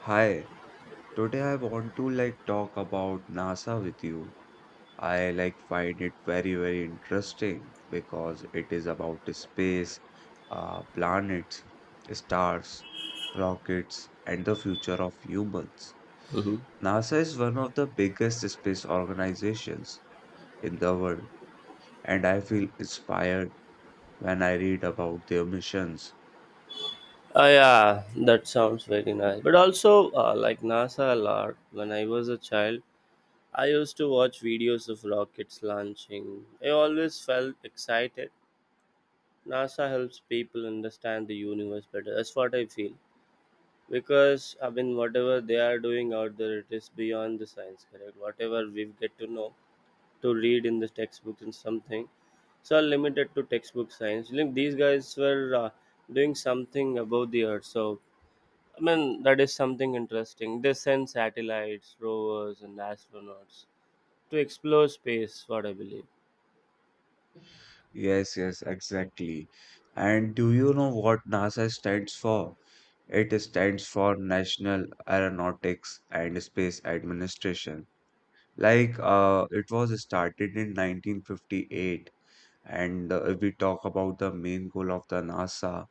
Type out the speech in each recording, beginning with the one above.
Hi, today I want to like talk about NASA with you. I like find it very, very interesting because it is about the space, planets, stars, rockets, and the future of humans. Mm-hmm. NASA is one of the biggest space organizations in the world, and I feel inspired when I read about their missions. Oh, yeah, that sounds very nice. But also, like NASA a lot. When I was a child, I used to watch videos of rockets launching. I always felt excited. NASA helps people understand the universe better. That's what I feel. Because, I mean, whatever they are doing out there, it is beyond the science, correct? Whatever we get to know, to read in the textbooks and something, so are limited to textbook science. Like, these guys were doing something about the earth. So, I mean, that is something interesting. They send satellites, rovers, and astronauts to explore space, what I believe. Yes, yes, exactly. And do you know what NASA stands for? It stands for National Aeronautics and Space Administration. Like it was started in 1958, and if we talk about the main goal of the NASA,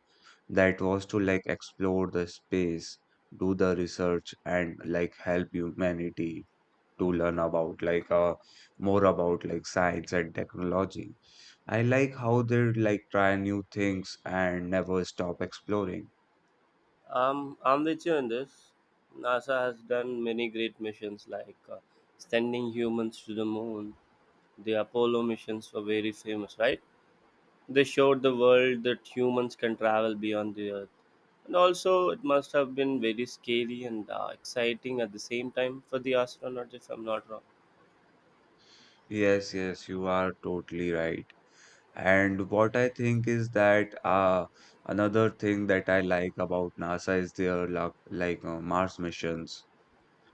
that was to like explore the space, do the research, and like help humanity to learn about like more about like science and technology. I like how they like try new things and never stop exploring. I'm with you in this. NASA has done many great missions like sending humans to the moon. The Apollo missions were very famous, right? They showed the world that humans can travel beyond the Earth. And also, it must have been very scary and exciting at the same time for the astronauts, if I'm not wrong. Yes, yes, you are totally right. And what I think is that another thing that I like about NASA is their like, Mars missions.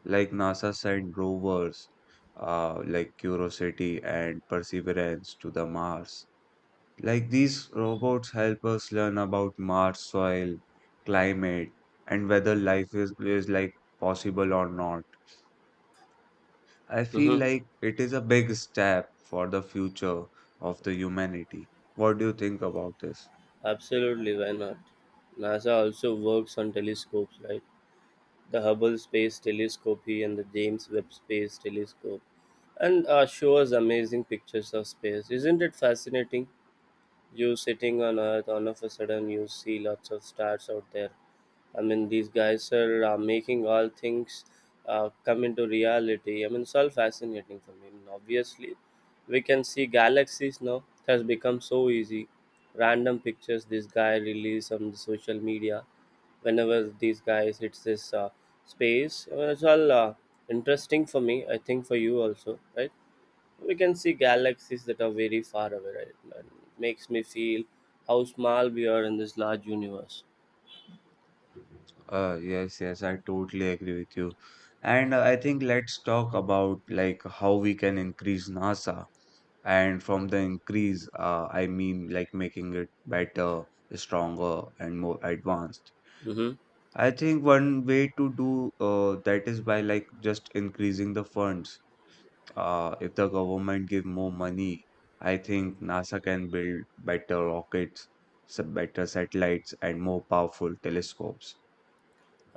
Like NASA sent rovers like Curiosity and Perseverance to the Mars. Like these robots help us learn about Mars soil, climate, and whether life is like possible or not. I feel Hmm. like it is a big step for the future of the humanity. What do you think about this? Absolutely, why not? NASA also works on telescopes, right? The Hubble Space Telescope here and the James Webb Space Telescope, and show us amazing pictures of space. Isn't it fascinating? You sitting on Earth, all of a sudden you see lots of stars out there. I mean, these guys are making all things come into reality. I mean, it's all fascinating for me. I mean, obviously, we can see galaxies now. It has become so easy. Random pictures this guy released on the social media. Whenever these guys hits this space, I mean, it's all interesting for me. I think for you also, right? We can see galaxies that are very far away, right? And it makes me feel how small we are in this large universe. Yes, yes, I totally agree with you. And I think let's talk about like how we can increase NASA. And from the increase, I mean like making it better, stronger, and more advanced. Mm-hmm. I think one way to do that is by like just increasing the funds. If the government give more money, I think NASA can build better rockets, some better satellites, and more powerful telescopes.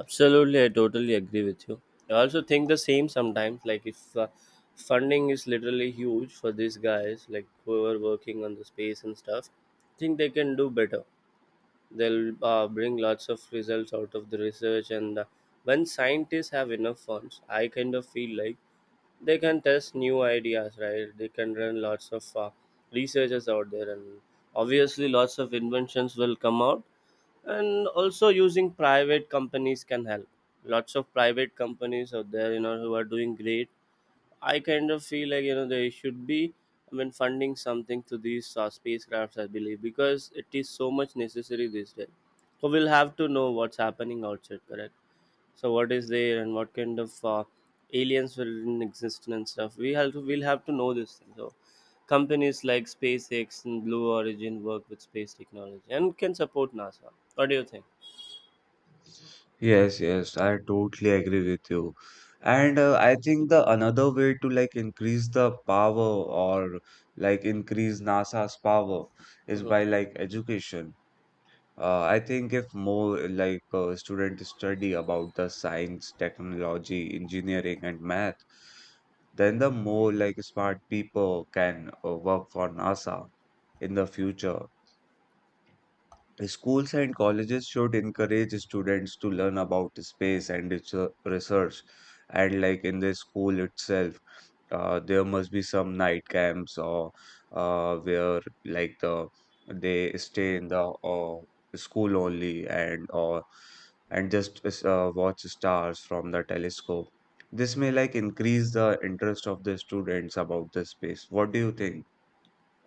Absolutely, I totally agree with you. I also think the same sometimes. Like if funding is literally huge for these guys, like who are working on the space and stuff, I think they can do better they'll bring lots of results out of the research and when scientists have enough funds, I kind of feel like they can test new ideas, right? They can run lots of researchers out there, and obviously lots of inventions will come out, and also using private companies can help. Lots of private companies out there, you know, who are doing great. I kind of feel like, you know, they should be. I mean, funding something to these spacecrafts, I believe, because it is so much necessary these days. So we'll have to know what's happening outside, correct? So what is there and what kind of aliens were in existence and stuff. We'll have to know this thing. So companies like SpaceX and Blue Origin work with space technology and can support NASA. What do you think? Yes, yes, I totally agree with you. And I think the another way to like increase the power or like increase NASA's power is by like education. I think if more like students study about the science, technology, engineering, and math, then the more like smart people can work for NASA in the future. Schools and colleges should encourage students to learn about space and its research. And like in the school itself, there must be some night camps or where like the they stay in the school only and or and just watch stars from the telescope. This may like increase the interest of the students about the space. What do you think?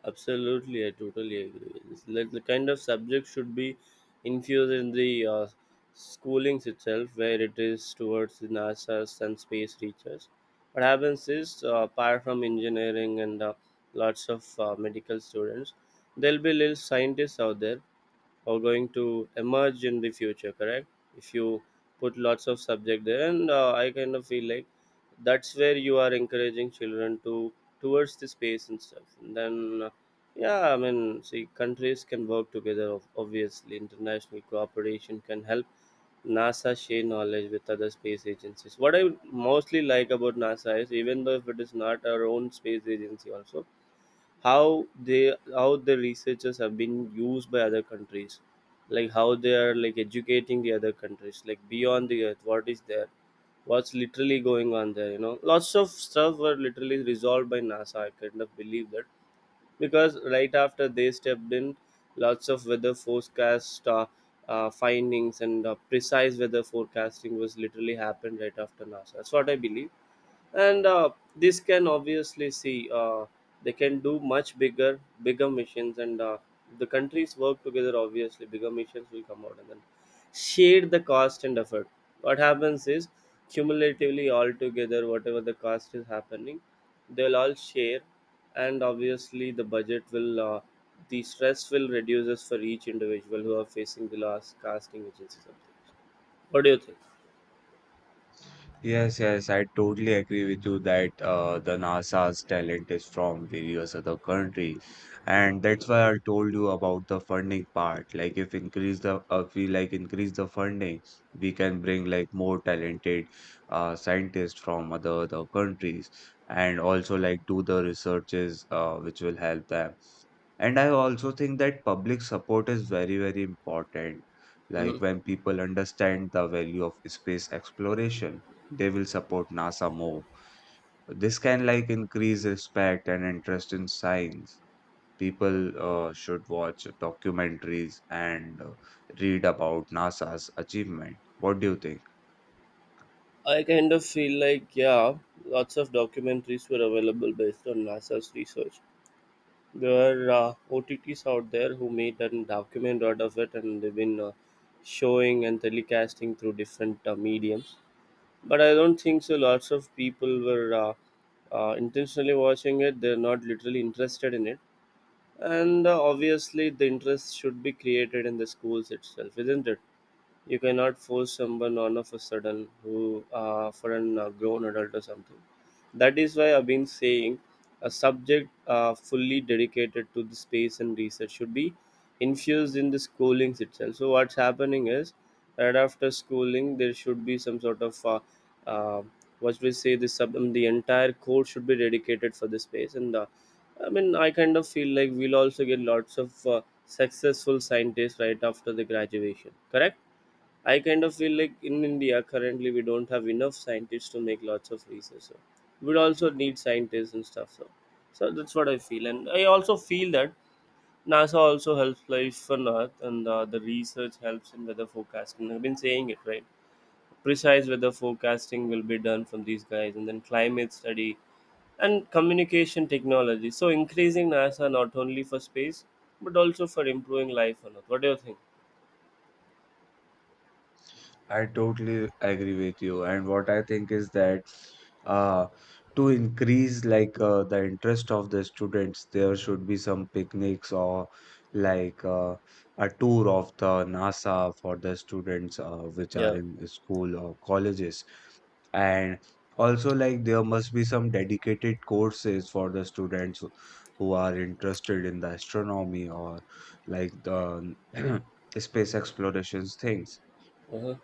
Absolutely, I totally agree with this. Like the kind of subject should be infused in the schoolings itself, where it is towards the NASA's and space research. What happens is, apart from engineering and lots of medical students, there'll be little scientists out there are going to emerge in the future, correct? If you put lots of subject there and I kind of feel like that's where you are encouraging children to towards the space and stuff, and then yeah, I mean, see countries can work together, obviously international cooperation can help NASA share knowledge with other space agencies. What I mostly like about NASA is even though if it is not our own space agency also, how the researchers have been used by other countries, like how they are like educating the other countries, like beyond the earth what is there, what's literally going on there. You know, lots of stuff were literally resolved by NASA, I kind of believe that, because right after they stepped in, lots of weather forecast findings and precise weather forecasting was literally happened right after NASA. That's what I believe, and this can obviously see they can do much bigger, bigger missions, and the countries work together. Obviously, bigger missions will come out, and then share the cost and effort. What happens is cumulatively all together whatever the cost is happening, they'll all share, and obviously the budget will the stress will reduces for each individual who are facing the last casting agency something. What do you think? Yes, yes, I totally agree with you that the NASA's talent is from various other country, and that's why I told you about the funding part. Like, if increase the we like increase the funding, we can bring like more talented scientists from other countries, and also like do the researches which will help them. And I also think that public support is very, very important. Hmm. Like when people understand the value of space exploration, they will support NASA more. This can like increase respect and interest in science. People should watch documentaries and read about NASA's achievement. What do you think? I kind of feel like, yeah, lots of documentaries were available based on NASA's research. There are OTTs out there who made a document out of it, and they've been showing and telecasting through different mediums. But I don't think so. Lots of people were intentionally watching it, they're not literally interested in it. And obviously, the interest should be created in the schools itself, isn't it? You cannot force someone on of a sudden who for an grown adult or something. That is why I've been saying a subject fully dedicated to the space and research should be infused in the schoolings itself. So what's happening is right after schooling there should be some sort of uh, what we say the entire course should be dedicated for the space and I mean I kind of feel like we'll also get lots of successful scientists right after the graduation. Correct? I kind of feel like in India currently we don't have enough scientists to make lots of research. So we'd also need scientists and stuff. So that's what I feel, and I also feel that NASA also helps life on Earth, and the research helps in weather forecasting. I've been saying it, right? Precise weather forecasting will be done from these guys, and then climate study and communication technology. So increasing NASA not only for space but also for improving life on Earth. What do you think? I totally agree with you. And what I think is that uh, to increase like the interest of the students, there should be some picnics or like uh, a tour of the NASA for the students which are Yeah. in school or colleges. And also like there must be some dedicated courses for the students who are interested in the astronomy or like the space explorations things. Uh-huh.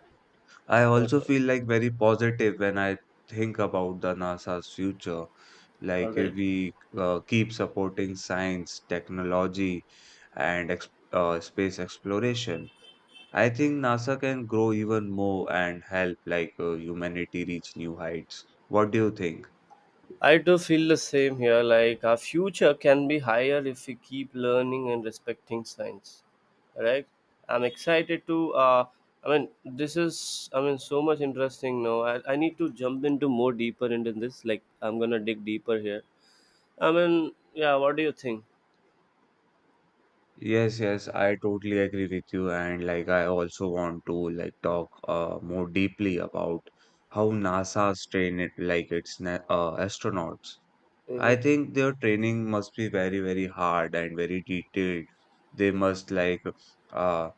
I also Okay. feel like very positive when I think about the NASA's future. All Like if right. we keep supporting science technology and space exploration, I think NASA can grow even more and help like humanity reach new heights. What do you think? I do feel the same here. Like our future can be higher if we keep learning and respecting science. Right? I'm excited to. I mean, this is. I mean, so much interesting. Now I need to jump into more deeper into this. Like I'm gonna dig deeper here. I mean, yeah. What do you think? Yes, yes, I totally agree with you. And like, I also want to like talk more deeply about how NASA's train it, like its na astronauts. I Hmm. think their training must be very, very hard and very detailed. They must like uh,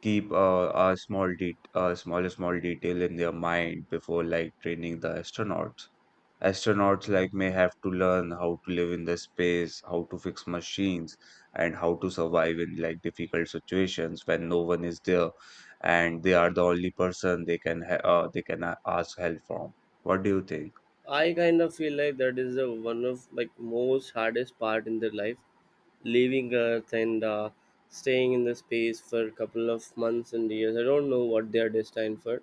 keep a small detail in their mind before like training the astronauts. Astronauts like may have to learn how to live in the space, how to fix machines, and how to survive in like difficult situations when no one is there, and they are the only person they can they can ask help from. What do you think? I kind of feel like that is the one of like most hardest part in their life, leaving Earth and staying in the space for a couple of months and years. I don't know what they are destined for,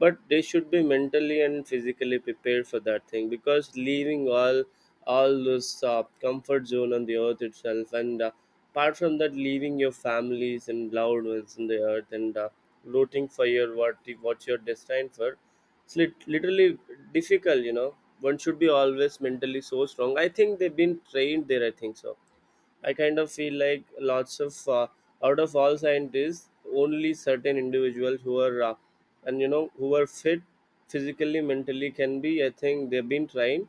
but they should be mentally and physically prepared for that thing because leaving all this comfort zone on the earth itself, and apart from that, leaving your families and loved ones on the earth and rooting for your what you're destined for, it's literally difficult, you know. One should be always mentally so strong. I think they've been trained there, I think so. I kind of feel like lots of out of all scientists, only certain individuals who are and you know who are fit physically, mentally can be. I think they've been trained,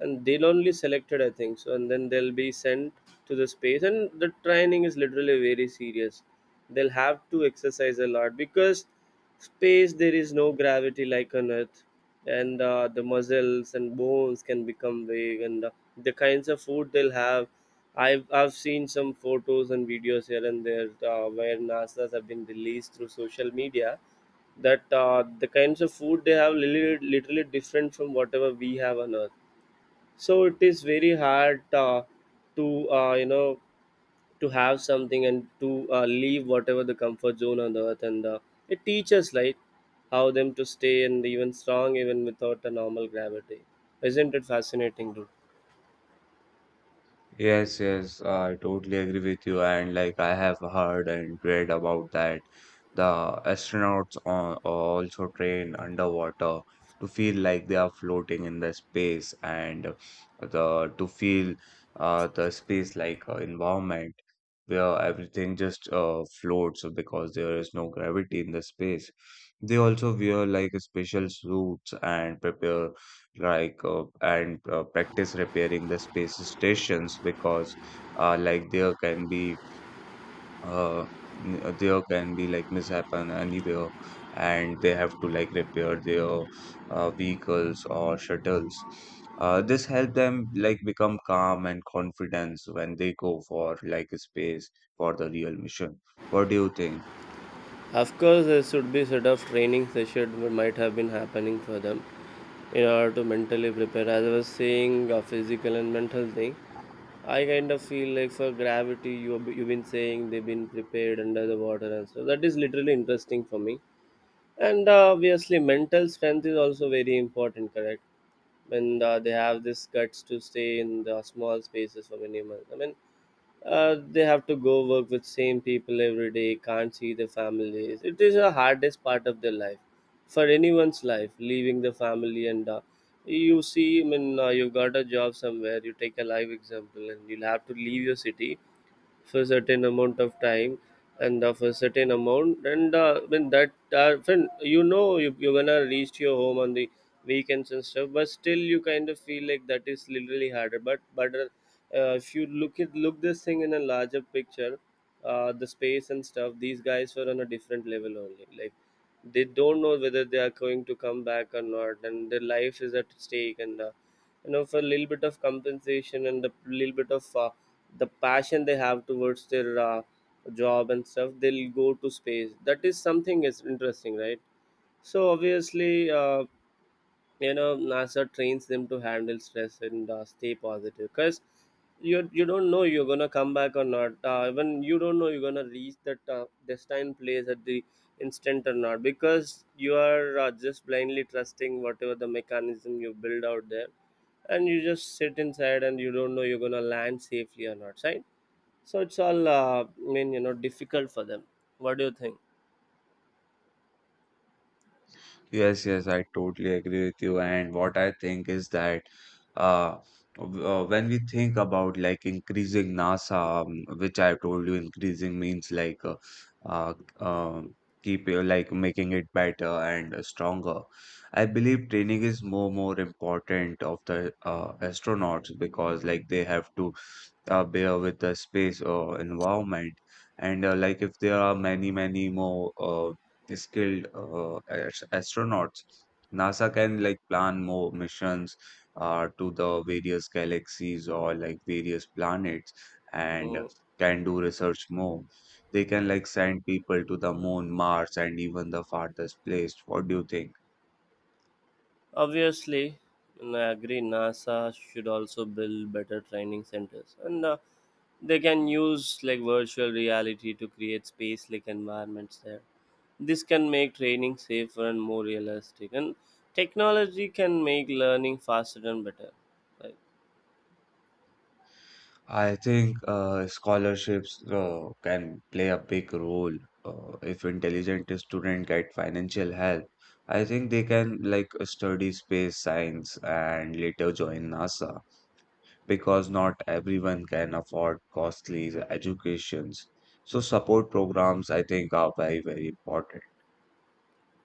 and they'll only selected. I think so, and then they'll be sent to the space, and the training is literally very serious. They'll have to exercise a lot because space there is no gravity like on earth, and the muscles and bones can become big, and the kinds of food they'll have. I've seen some photos and videos here and there where NASA's have been released through social media. That the kinds of food they have literally, literally different from whatever we have on earth. So it is very hard to you know, to have something and to leave whatever the comfort zone on the earth, and it teaches like how them to stay and even strong even without a normal gravity. Isn't it fascinating, dude? Yes, yes, I totally agree with you. And like I have heard and read about that, the astronauts on, also train underwater to feel like they are floating in the space and the to feel the space like environment where everything just floats because there is no gravity in the space. They also wear like special suits and prepare like and practice repairing the space stations because like there can be uh, there can be like mishappen anywhere and they have to like repair their vehicles or shuttles. This help them like become calm and confidence when they go for like space for the real mission. What do you think? Of course there should be sort of training session that might have been happening for them in order to mentally prepare, as I was saying, a physical and mental thing. I kind of feel like for gravity you've been saying they've been prepared under the water, and so that is literally interesting for me. And obviously mental strength is also very important, correct? When they have this guts to stay in the small spaces for many months, I mean, they have to go work with same people every day, can't see their families. It is the hardest part of their life, for anyone's life, leaving the family and you see, I mean, you got a job somewhere, you take a live example, and you'll have to leave your city for a certain amount of time, and of a certain amount, and when that when you know you're gonna reach your home on the weekends and stuff, but still you kind of feel like that is literally harder, but if you look at look this thing in a larger picture. The space and stuff, these guys were on a different level only. Like, they don't know whether they are going to come back or not, and their life is at stake. And for a little bit of compensation and a little bit of the passion they have towards their job and stuff, they'll go to space. That is something is interesting, right? So obviously uh, you know NASA trains them to handle stress and stay positive, because you don't know you're gonna come back or not. Even you don't know you're gonna reach that destined place at the instant or not, because you are just blindly trusting whatever the mechanism you build out there, and you just sit inside and you don't know you're gonna land safely or not, right? So it's all difficult for them. What do you think? Yes, yes, I totally agree with you. And what I think is that uh, when we think about like increasing NASA, which I told you, increasing means like uh, um keep like making it better and stronger. I Mhm. believe training is more important of the astronauts because like they have to bear with the space or environment. And like if there are many, many more skilled astronauts, NASA can like plan more missions to the various galaxies or like various planets and Mm, can do research more. They can like send people to the moon, Mars, and even the farthest place. What do you think? obviously, and I agree, NASA should also build better training centers, and they can use like virtual reality to create space like environments there. This can make training safer and more realistic, and technology can make learning faster and better, right? I think scholarships can play a big role if intelligent student get financial help. I think they can like study space science and later join NASA because not everyone can afford costly educations. So support programs I think are very, very important.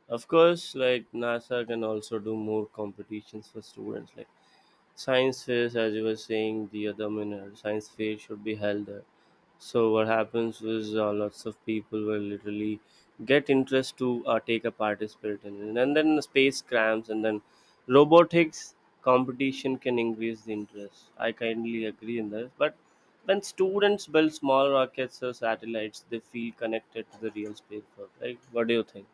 Of course, like NASA can also do more competitions for students, like science fairs, as you were saying the other minute. Science fair should be held there. So what happens is, lots of people will literally get interest to take a participate in it, and then the space crams, and then robotics competition can increase the interest. I kindly agree in this, but when students build small rockets or satellites, they feel connected to the real space world. Right? What do you think?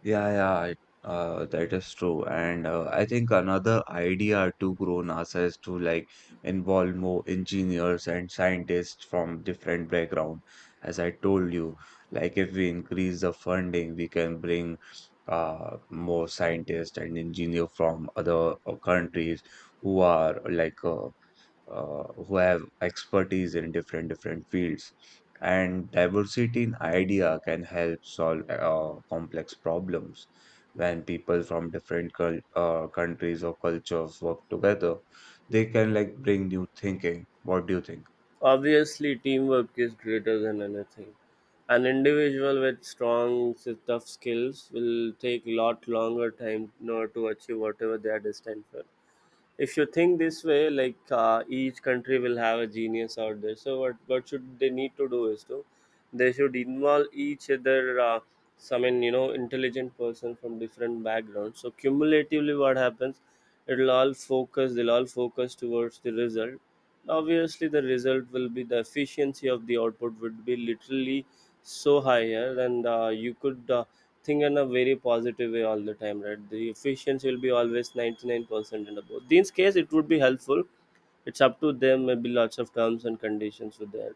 Yeah, yeah, that is true. And I think another idea to grow NASA is to like involve more engineers and scientists from different background. As I told you, like if we increase the funding, we can bring more scientists and engineer from other countries who are like who have expertise in different fields, and diversity in idea can help solve complex problems. When people from different countries or cultures work together, they can like bring new thinking. What do you think? Obviously, teamwork is greater than anything. An individual with tough skills will take a lot longer time in order to achieve whatever they are destined for. If you think this way, like, each country will have a genius out there. So what should they need to do is to, they should involve each other, some in you know intelligent person from different backgrounds. So cumulatively, what happens, it'll all focus they'll all focus towards the result. Obviously, the result will be, the efficiency of the output would be literally so higher, and you could think in a very positive way all the time, right? The efficiency will be always 99% and above. In this case, it would be helpful. It's up to them, maybe lots of terms and conditions with that.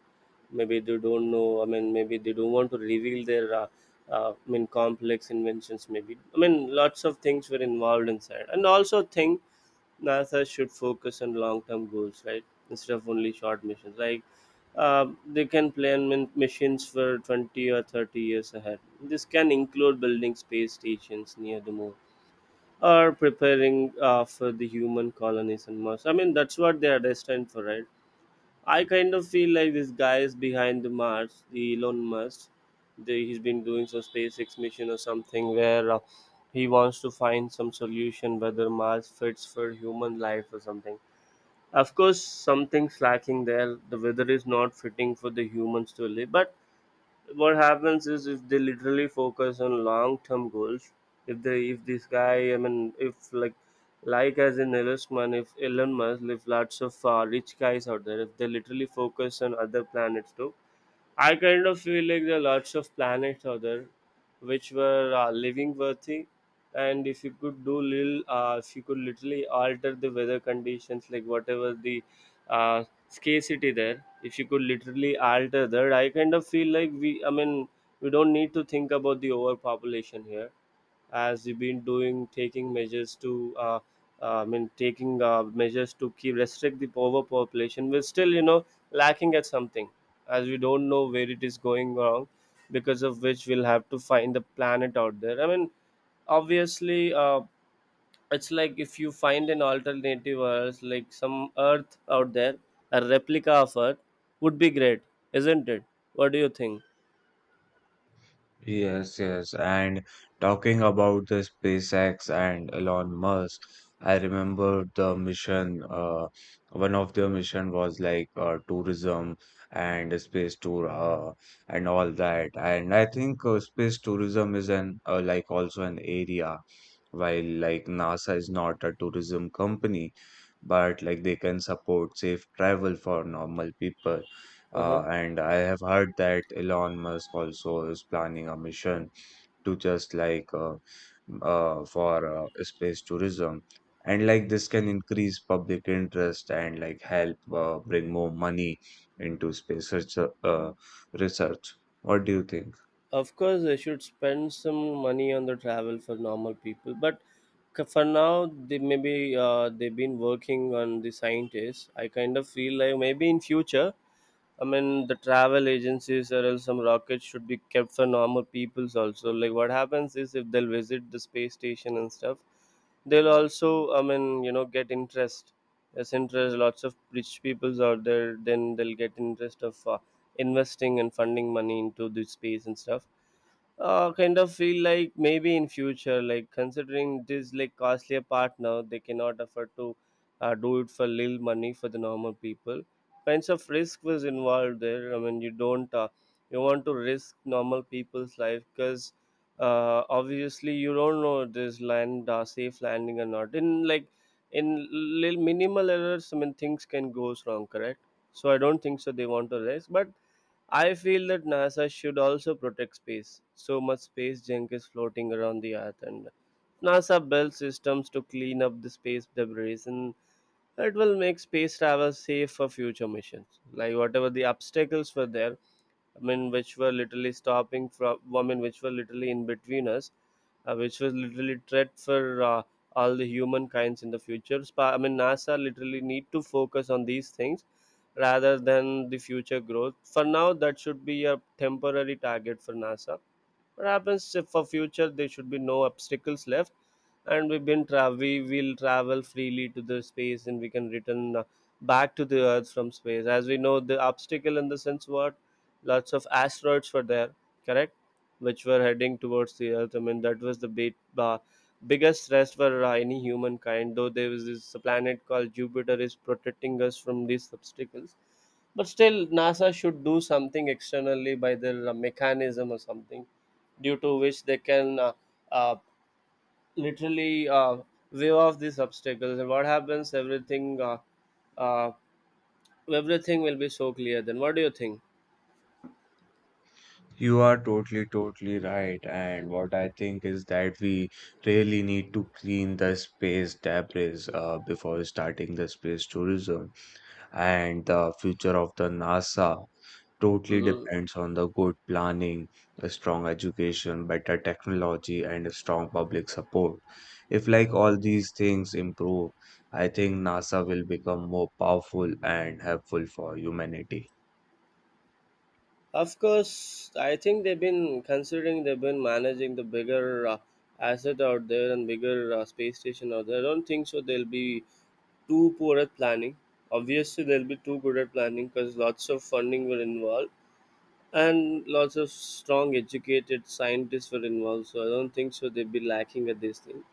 Maybe they don't know, I mean, maybe they don't want to reveal their I mean complex inventions. Maybe, I mean, lots of things were involved inside. And also think, NASA should focus on long-term goals, right? Instead of only short missions. Like, they can missions for 20 or 30 years ahead. This can include building space stations near the moon, or preparing for the human colonies on Mars. I mean, that's what they are destined for, right? I kind of feel like this guy is behind the Mars, the Elon Musk. He's been doing some SpaceX mission or something, where he wants to find some solution whether Mars fits for human life or something. Of course, something's lacking there. The weather is not fitting for the humans to live, but what happens is, if they literally focus on long term goals, if this guy, I mean, if like, like as in Elon Musk, if lots of rich guys out there, if they literally focus on other planets too, I kind of feel like there are lots of planets out there which were living worthy. And if you could do little, if you could literally alter the weather conditions, like whatever the uh, scarcity there, if you could literally alter that, I kind of feel like I mean, we don't need to think about the overpopulation here. As we have been doing, taking measures to I mean taking measures to keep restrict the overpopulation, we're still, you know, lacking at something, as we don't know where it is going wrong, because of which we'll have to find the planet out there. I mean, obviously, it's like if you find an alternative earth, like some earth out there, a replica of earth, would be great, isn't it? What do you think? Yes, yes. And talking about the SpaceX and Elon Musk, I remember the mission. One of their mission was like tourism and a space tour and all that. And I think space tourism is an like also an area. While like NASA is not a tourism company, but like they can support safe travel for normal people. Uh-huh. And I have heard that Elon Musk also is planning a mission to just like for space tourism. And like this can increase public interest and like help bring more money into space research, research. What do you think? Of course they should spend some money on the travel for normal people, but for now, they maybe, they've been working on the scientists. I kind of feel like maybe in future, I mean, the travel agencies or else some rockets should be kept for normal peoples also. Like, what happens is if they'll visit the space station and stuff, they'll also, I mean, you know, get interest. There's interest, lots of rich peoples out there, then they'll get interest of investing and funding money into the space and stuff. Kind of feel like maybe in future, like considering this like costlier part now, they cannot afford to do it for little money for the normal people. Kinds of risk was involved there. I mean, you don't you want to risk normal people's life, because obviously you don't know this land, safe landing or not. In like, in little minimal errors, I mean things can goes wrong. Correct. So I don't think so. They want to risk, but I feel that NASA should also protect space. So much space junk is floating around the Earth, and NASA built systems to clean up the space debris. And it will make space travel safe for future missions. Like whatever the obstacles were there, I mean, which were literally stopping from, I mean, which were literally in between us, which was literally threat for all the humankinds in the future. I mean, NASA literally need to focus on these things rather than the future growth. For now, that should be a temporary target for NASA. What happens, if for future there should be no obstacles left, and we will travel freely to the space, and we can return back to the earth from space. As we know, the obstacle in the sense, what, lots of asteroids were there, correct, which were heading towards the earth. I mean, that was the biggest threat for any humankind. Though there was this planet called Jupiter is protecting us from these obstacles, but still NASA should do something externally by their mechanism or something, due to which they can uh, literally wave off these obstacles. And what happens? Uh, Everything will be so clear. Then, what do you think? You are totally, totally right. And what I think is that we really need to clean the space debris before starting the space tourism, and the future of the NASA totally Hmm. depends on the good planning, a strong education, better technology, and a strong public support. If like all these things improve, I think NASA will become more powerful and helpful for humanity. Of course, I think they've been considering, they've been managing the bigger asset out there, and bigger space station out there. I don't think so. They'll be too poor at planning. Obviously, they'll be too good at planning, because lots of funding will involve, and lots of strong educated scientists were involved. So I don't think so they'd be lacking at this thing.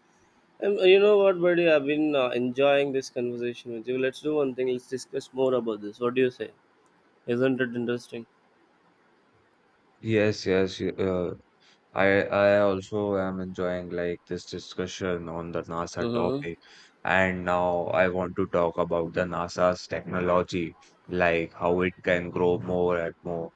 And you know what buddy, I've been enjoying this conversation with you. Let's do one thing, let's discuss more about this. What do you say? Isn't it interesting? Yes, yes, I also am enjoying like this discussion on the NASA Hmm. topic. And now I want to talk about the NASA's technology, like how it can grow more and more.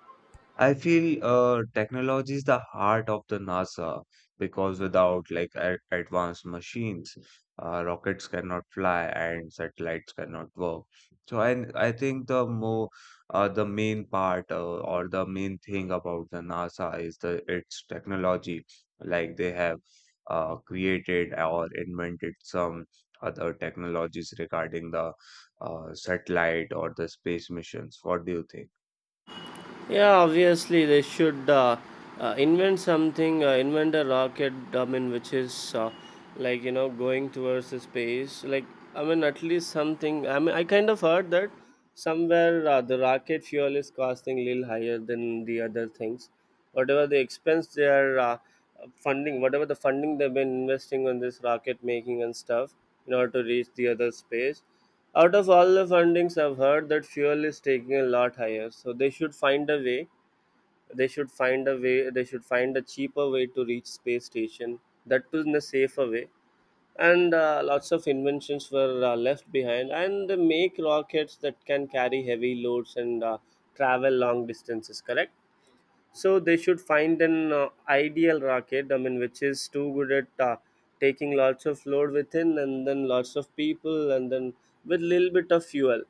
I feel technology is the heart of the NASA because without like advanced machines, rockets cannot fly and satellites cannot work. So I think the more the main part or the main thing about the NASA is the its technology. Like they have created or invented some other technologies regarding the satellite or the space missions. What do you think? Yeah, obviously they should invent something, invent a rocket. I mean, which is like, you know, going towards the space. Like, I mean, at least something. I mean, I kind of heard that somewhere, the rocket fuel is costing a little higher than the other things. Whatever the expense they are funding, whatever the funding they've been investing on this rocket making and stuff in order to reach the other space. Out of all the fundings, I've heard that fuel is taking a lot higher. So they should find a way. They should find a way. They should find a cheaper way to reach space station. That too in a safer way. And lots of inventions were left behind. And they make rockets that can carry heavy loads, and travel long distances. Correct. So they should find an ideal rocket, I mean, which is too good at taking lots of load within, and then lots of people, and then with little bit of fuel.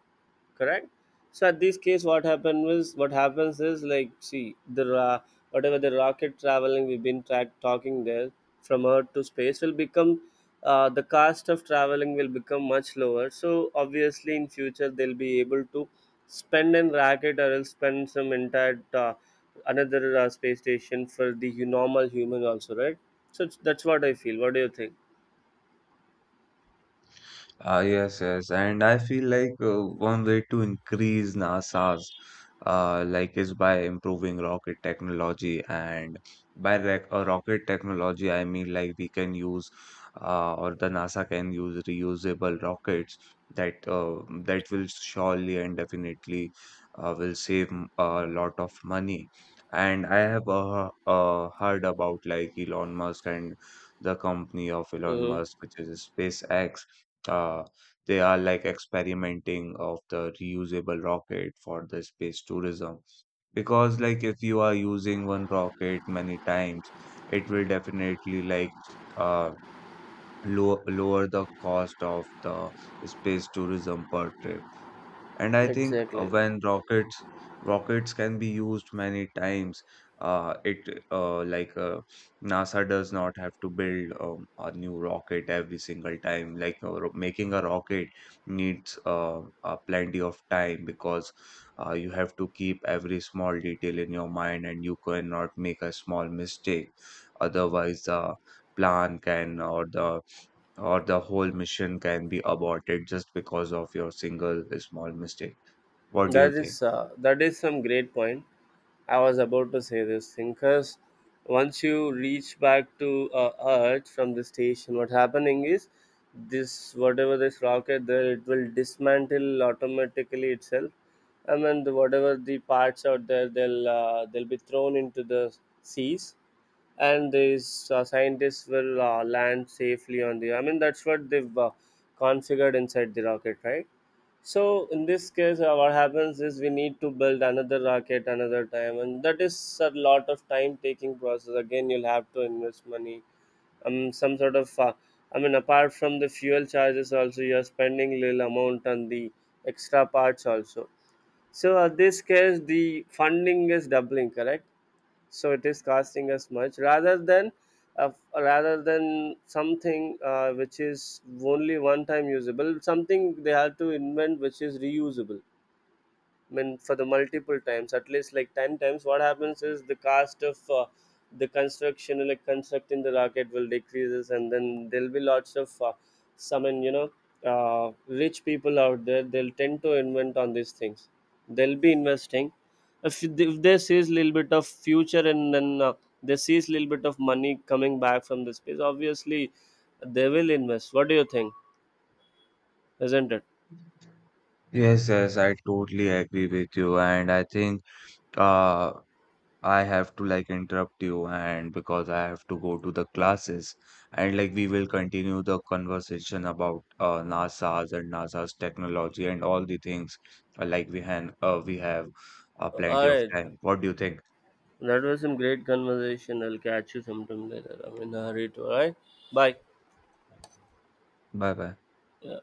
Correct. So at this case, what happened was what happens is, like, see the whatever the rocket traveling talking there, from earth to space will become, the cost of traveling will become much lower. So obviously in future they'll be able to spend in rocket, or else spend some entire another space station for the normal human also, right? That's what I feel. What do you think? Yes, yes, and I feel like one way to increase NASA's like is by improving rocket technology, and by rocket technology, I mean like we can use or the NASA can use reusable rockets that that will surely and definitely will save a lot of money. And I have heard about like Elon Musk and the company of Elon Hmm. Musk, which is SpaceX. uh, they are like experimenting of the reusable rocket for the space tourism because like if you are using one rocket many times, it will definitely like uh, lower the cost of the space tourism per trip. And I think Exactly. when rockets can be used many times, it like NASA does not have to build a new rocket every single time. Like making a rocket needs plenty of time because you have to keep every small detail in your mind and you cannot make a small mistake. Otherwise, the plan can or the whole mission can be aborted just because of your single small mistake. What do you think? That is some great point. I was about to say this thing, because once you reach back to Earth from the station, what happening is, this whatever this rocket there, it will dismantle automatically itself. I mean whatever the parts out there, they'll be thrown into the seas, and these scientists will land safely on the. I mean, that's what they've configured inside the rocket, right? So in this case, what happens is, we need to build another rocket another time, and that is a lot of time-taking process. Again, you'll have to invest money. Some sort of, I mean, apart from the fuel charges, also you're spending little amount on the extra parts also. So in this case, the funding is doubling, correct? So it is costing us much rather than, rather than something, which is only one time usable. Something they have to invent which is reusable. I mean, for the multiple times, at least like 10 times, what happens is the cost of the construction, like constructing the rocket will decreases, and then there'll be lots of, some, and you know, rich people out there, they'll tend to invent on these things. They'll be investing. If they sees little bit of future, and then they sees little bit of money coming back from the space, obviously they will invest. What do you think? Isn't it? Yes, yes, I totally agree with you, and I think uh I have to like interrupt you and because I have to go to the classes, and like we will continue the conversation about NASA's and NASA's technology and all the things. Like we have All plenty of right. time. What do you think? That was some great conversation. I'll catch you sometime later. I'm in a hurry to, alright? Bye. Bye bye. Yeah.